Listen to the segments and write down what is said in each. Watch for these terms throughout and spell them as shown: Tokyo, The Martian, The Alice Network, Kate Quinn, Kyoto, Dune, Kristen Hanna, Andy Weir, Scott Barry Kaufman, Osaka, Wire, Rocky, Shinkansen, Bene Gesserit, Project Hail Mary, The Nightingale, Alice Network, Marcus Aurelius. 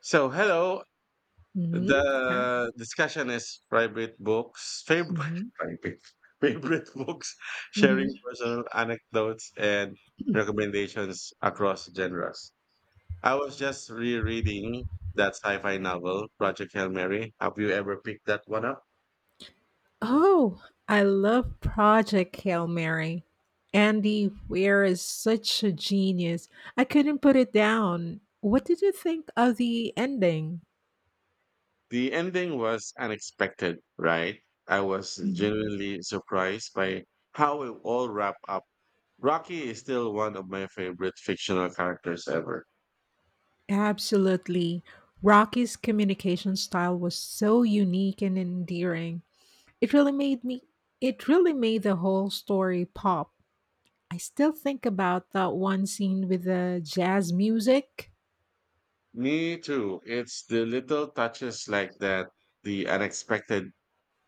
So hello, Mhm. Okay. the discussion is private books, favorite Mhm. private, favorite books, sharing Mhm. personal anecdotes and recommendations across genres. I was just rereading that sci-fi novel, Project Hail Mary. Have you ever picked that one up? Oh, I love Project Hail Mary. Andy Weir is such a genius. I couldn't put it down. What did you think of the ending? The ending was unexpected, right? I was Mhm. genuinely surprised by how it all wrapped up. Rocky is still one of my favorite fictional characters ever. Absolutely. Rocky's communication style was so unique and endearing. It really made me it really made the whole story pop. I still think about that one scene with the jazz music. Me too. It's the little touches like that, the unexpected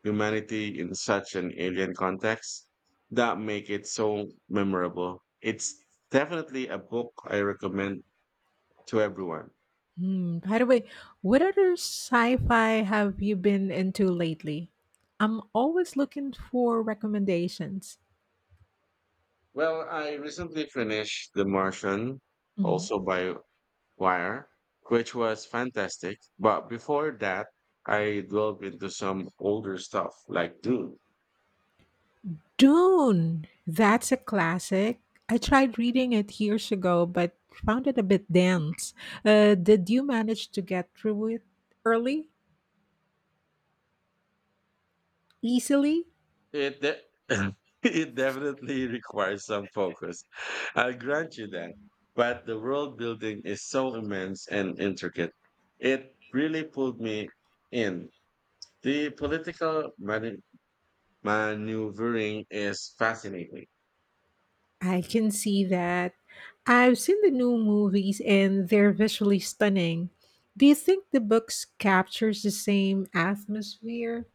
humanity in such an alien context, that make it so memorable. It's definitely a book I recommend to everyone. Hmm. By the way, what other sci-fi have you been into lately? I'm always looking for recommendations. Well, I recently finished The Martian, Mhm. also by Wire, which was fantastic. But before that, I delved into some older stuff like Dune. Dune. That's a classic. I tried reading it years ago, but found it a bit dense. Did you manage to get through it early, easily? It de- it definitely requires some focus. I'll grant you that. But the world building is so immense and intricate. It really pulled me in. The political maneuvering is fascinating. I can see that. I've seen the new movies and they're visually stunning. Do you think the books captures the same atmosphere?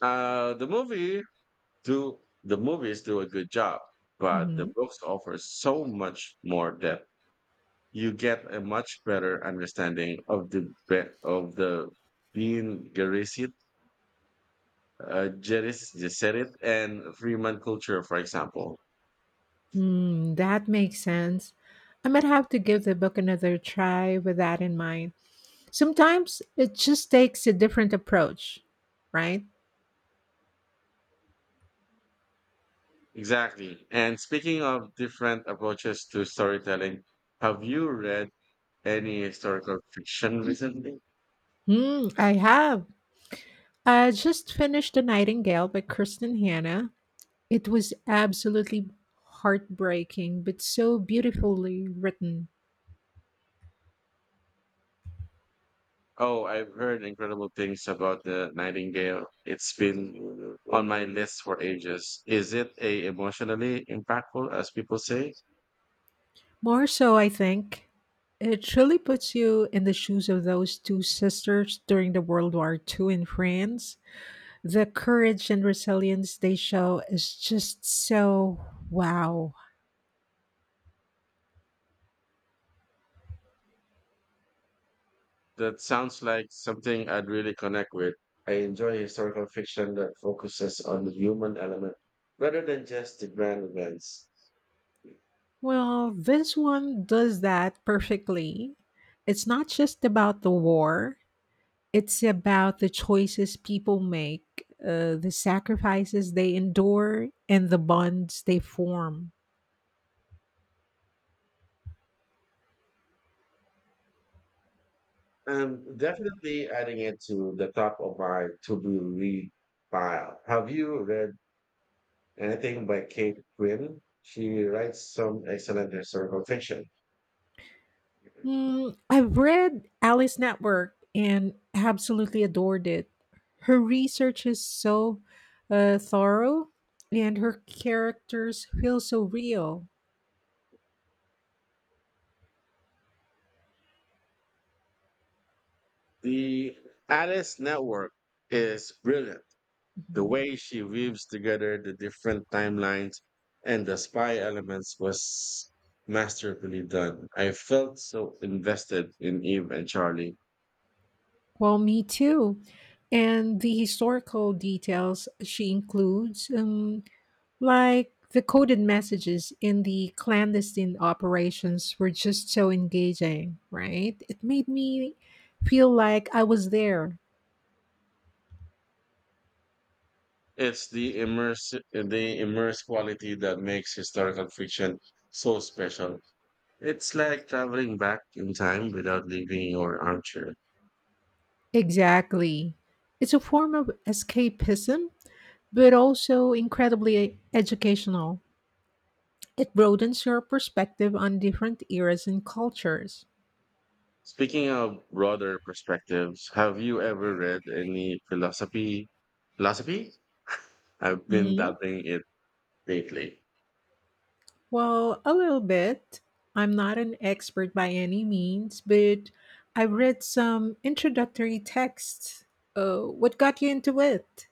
Uh, the movie the movies do a good job, but the Mhm. books offer so much more depth. You get a much better understanding of the being Garcia Jeris Gesserit and Freeman culture, for example. Mm, that makes sense. I might have to give the book another try with that in mind. Sometimes it just takes a different approach, right? Exactly. And speaking of different approaches to storytelling, have you read any historical fiction recently? Mm, I have. I just finished The Nightingale by Kristen Hanna. It was absolutely heartbreaking, but so beautifully written. Oh, I've heard incredible things about the Nightingale. It's been on my list for ages. Is it a emotionally impactful, as people say? More so, I think. It really puts you in the shoes of those two sisters during the World War II in France. The courage and resilience they show is just so wow. That sounds like something I'd really connect with. I enjoy historical fiction that focuses on the human element rather than just the grand events. Well, this one does that perfectly. It's not just about the war, it's about the choices people make, the sacrifices they endure, and the bonds they form. I'm definitely adding it to the top of my to be read pile. Have you read anything by Kate Quinn? She writes some excellent historical fiction. Mm, I've read Alice Network and absolutely adored it. Her research is so thorough, and her characters feel so real. The Alice Network is brilliant. The Mhm. way she weaves together the different timelines and the spy elements was masterfully done. I felt so invested in Eve and Charlie. Well, me too. And the historical details she includes, like the coded messages in the clandestine operations, were just so engaging, right? It made me feel like I was there. It's the immerse quality that makes historical fiction so special. It's like traveling back in time without leaving your armchair. Exactly. It's a form of escapism, but also incredibly educational. It broadens your perspective on different eras and cultures. Speaking of broader perspectives, have you ever read any philosophy? I've been Hmm. dabbling it lately. Well, a little bit. I'm not an expert by any means, but I read some introductory texts. What got you into it?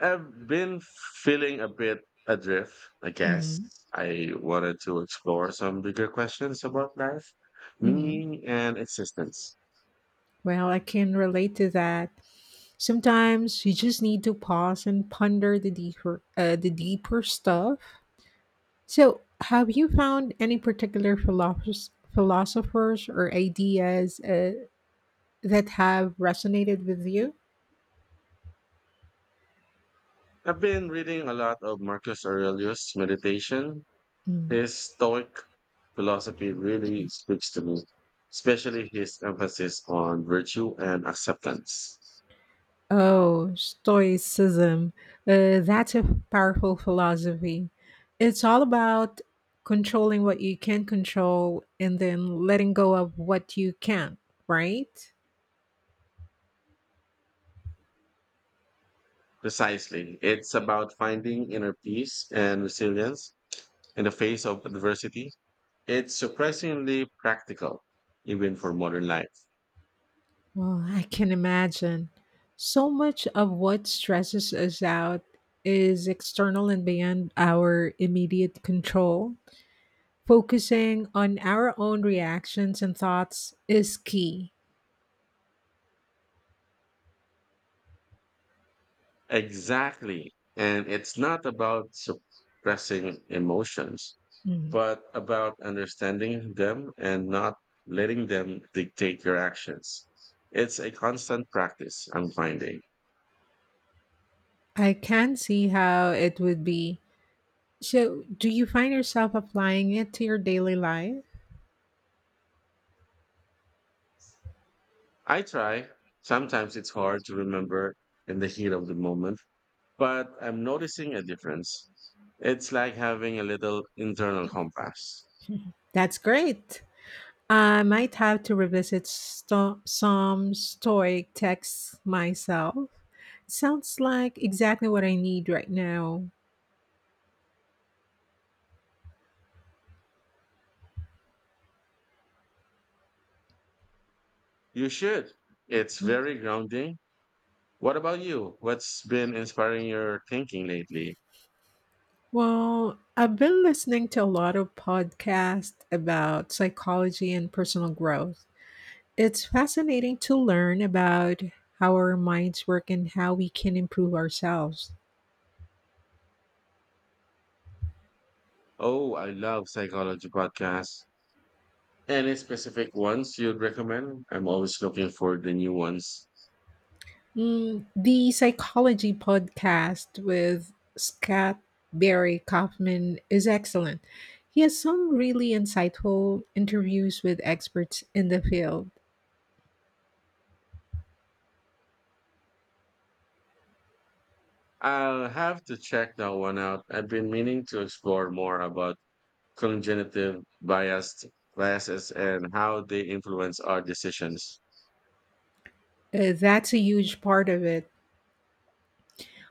I've been feeling a bit adrift, I guess. Hmm. I wanted to explore some bigger questions about life, meaning, and existence. Well, I can relate to that. Sometimes you just need to pause and ponder the deeper stuff. So, have you found any particular philosophers or ideas that have resonated with you? I've been reading a lot of Marcus Aurelius' meditation. Mm. His Stoic philosophy really speaks to me, especially his emphasis on virtue and acceptance. Oh, Stoicism. That's a powerful philosophy. It's all about controlling what you can control and then letting go of what you can't, right? Precisely. It's about finding inner peace and resilience in the face of adversity. It's surprisingly practical, even for modern life. Well, I can imagine. So much of what stresses us out is external and beyond our immediate control. Focusing on our own reactions and thoughts is key. Exactly. And it's not about suppressing emotions, Mm. but about understanding them and not letting them dictate your actions. It's a constant practice, I'm finding. I can see how it would be. So, do you find yourself applying it to your daily life? I try. Sometimes it's hard to remember in the heat of the moment, but I'm noticing a difference. It's like having a little internal compass. That's great. I might have to some Stoic texts myself. Sounds like exactly what I need right now. You should. It's very grounding. What about you? What's been inspiring your thinking lately? Well, I've been listening to a lot of podcasts about psychology and personal growth. It's fascinating to learn about how our minds work and how we can improve ourselves. Oh, I love psychology podcasts. Any specific ones you'd recommend? I'm always looking for the new ones. Mm, the Psychology podcast with Scott Barry Kaufman is excellent. He has some really insightful interviews with experts in the field. I'll have to check that one out. I've been meaning to explore more about congenitive biased biases and how they influence our decisions. That's a huge part of it.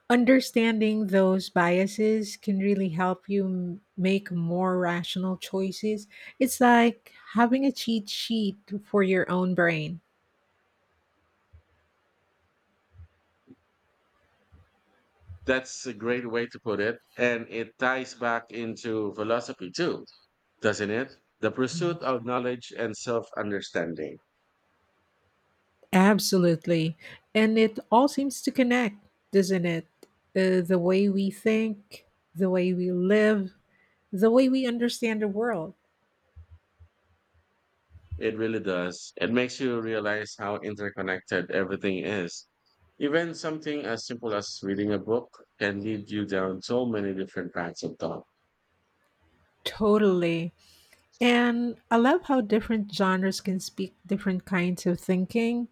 Understanding those biases can really help you make more rational choices. It's like having a cheat sheet for your own brain. That's a great way to put it, and it ties back into philosophy too, doesn't it? The pursuit of knowledge and self understanding. Absolutely. And it all seems to connect, doesn't it? The way we think, the way we live, the way we understand the world. It really does. It makes you realize how interconnected everything is. Even something as simple as reading a book can lead you down so many different paths of thought. Totally. And I love how different genres can speak different kinds of thinking: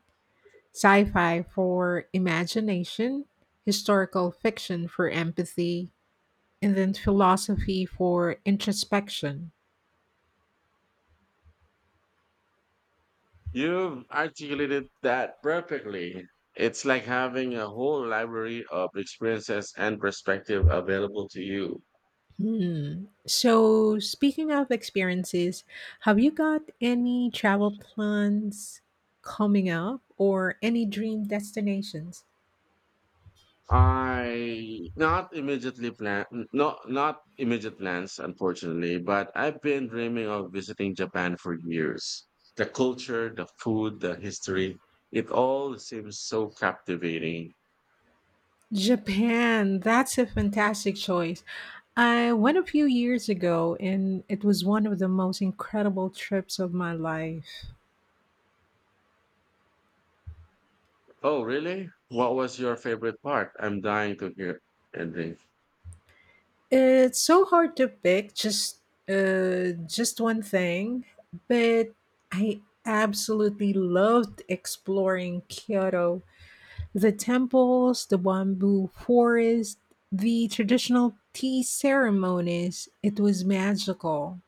sci fi for imagination, historical fiction for empathy, and then philosophy for introspection. You've articulated that perfectly. It's like having a whole library of experiences and perspective available to you. Hmm. So, speaking of experiences, have you got any travel plans coming up or any dream destinations? I not immediately plan not not immediate plans, unfortunately, but I've been dreaming of visiting Japan for years. The culture, the food, the history, it all seems so captivating. Japan, that's a fantastic choice. I went a few years ago and it was one of the most incredible trips of my life. Oh, really? What was your favorite part? I'm dying to hear, Henry. It's so hard to pick just one thing, but I absolutely loved exploring Kyoto. The temples, the bamboo forest, the traditional tea ceremonies. It was magical.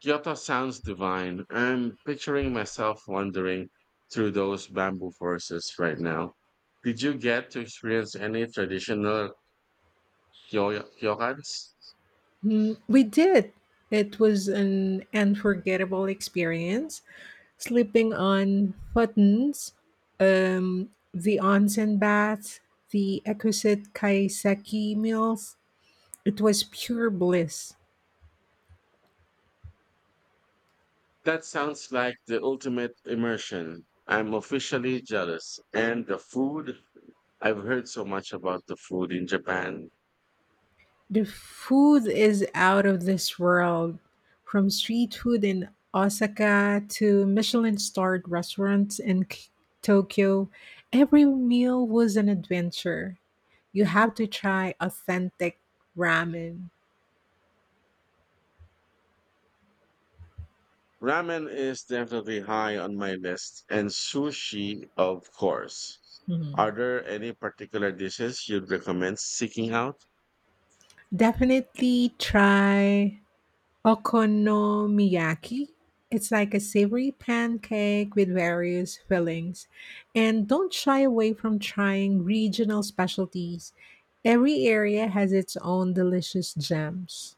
Kyoto sounds divine. I'm picturing myself wandering through those bamboo forests right now. Did you get to experience any traditional ryokans? Mm, we did. It was an unforgettable experience. Sleeping on futons, the onsen baths, the exquisite kaiseki meals. It was pure bliss. That sounds like the ultimate immersion. I'm officially jealous. And the food? I've heard so much about the food in Japan. The food is out of this world. From street food in Osaka to Michelin starred restaurants in Tokyo, every meal was an adventure. You have to try authentic ramen. Ramen is definitely high on my list, and sushi, of course. Are Mhm. there any particular dishes you'd recommend seeking out? Definitely try Okonomiyaki. It's like a savory pancake with various fillings. And don't shy away from trying regional specialties. Every area has its own delicious gems.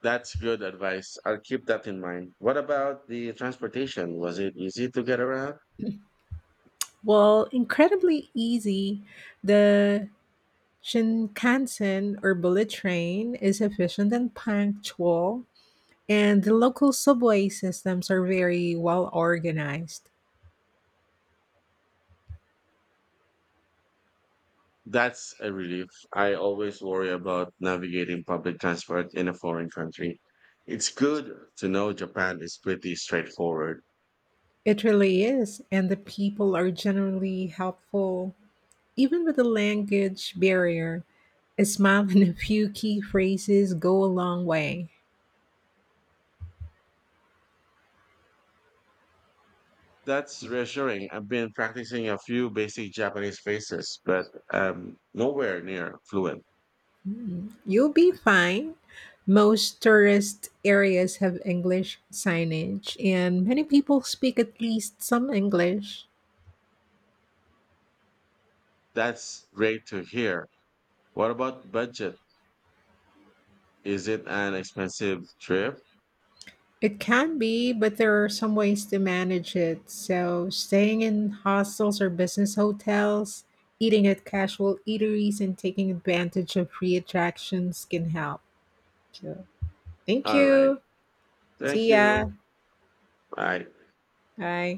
That's good advice. I'll keep that in mind. What about the transportation? Was it easy to get around? Well, incredibly easy, the Shinkansen or bullet train is efficient and punctual, and the local subway systems are very well organized. That's a relief. I always worry about navigating public transport in a foreign country. It's good to know Japan is pretty straightforward. It really is, and the people are generally helpful, even with the language barrier. A smile and a few key phrases go a long way. That's reassuring. I've been practicing a few basic Japanese phrases, but nowhere near fluent. Mm, you'll be fine. Most tourist areas have English signage, and many people speak at least some English. That's great to hear. What about budget? Is it an expensive trip? It can be, but there are some ways to manage it. So, staying in hostels or business hotels, eating at casual eateries, and taking advantage of free attractions can help. So, thank All right. you. Thank See ya. you. Bye. Bye.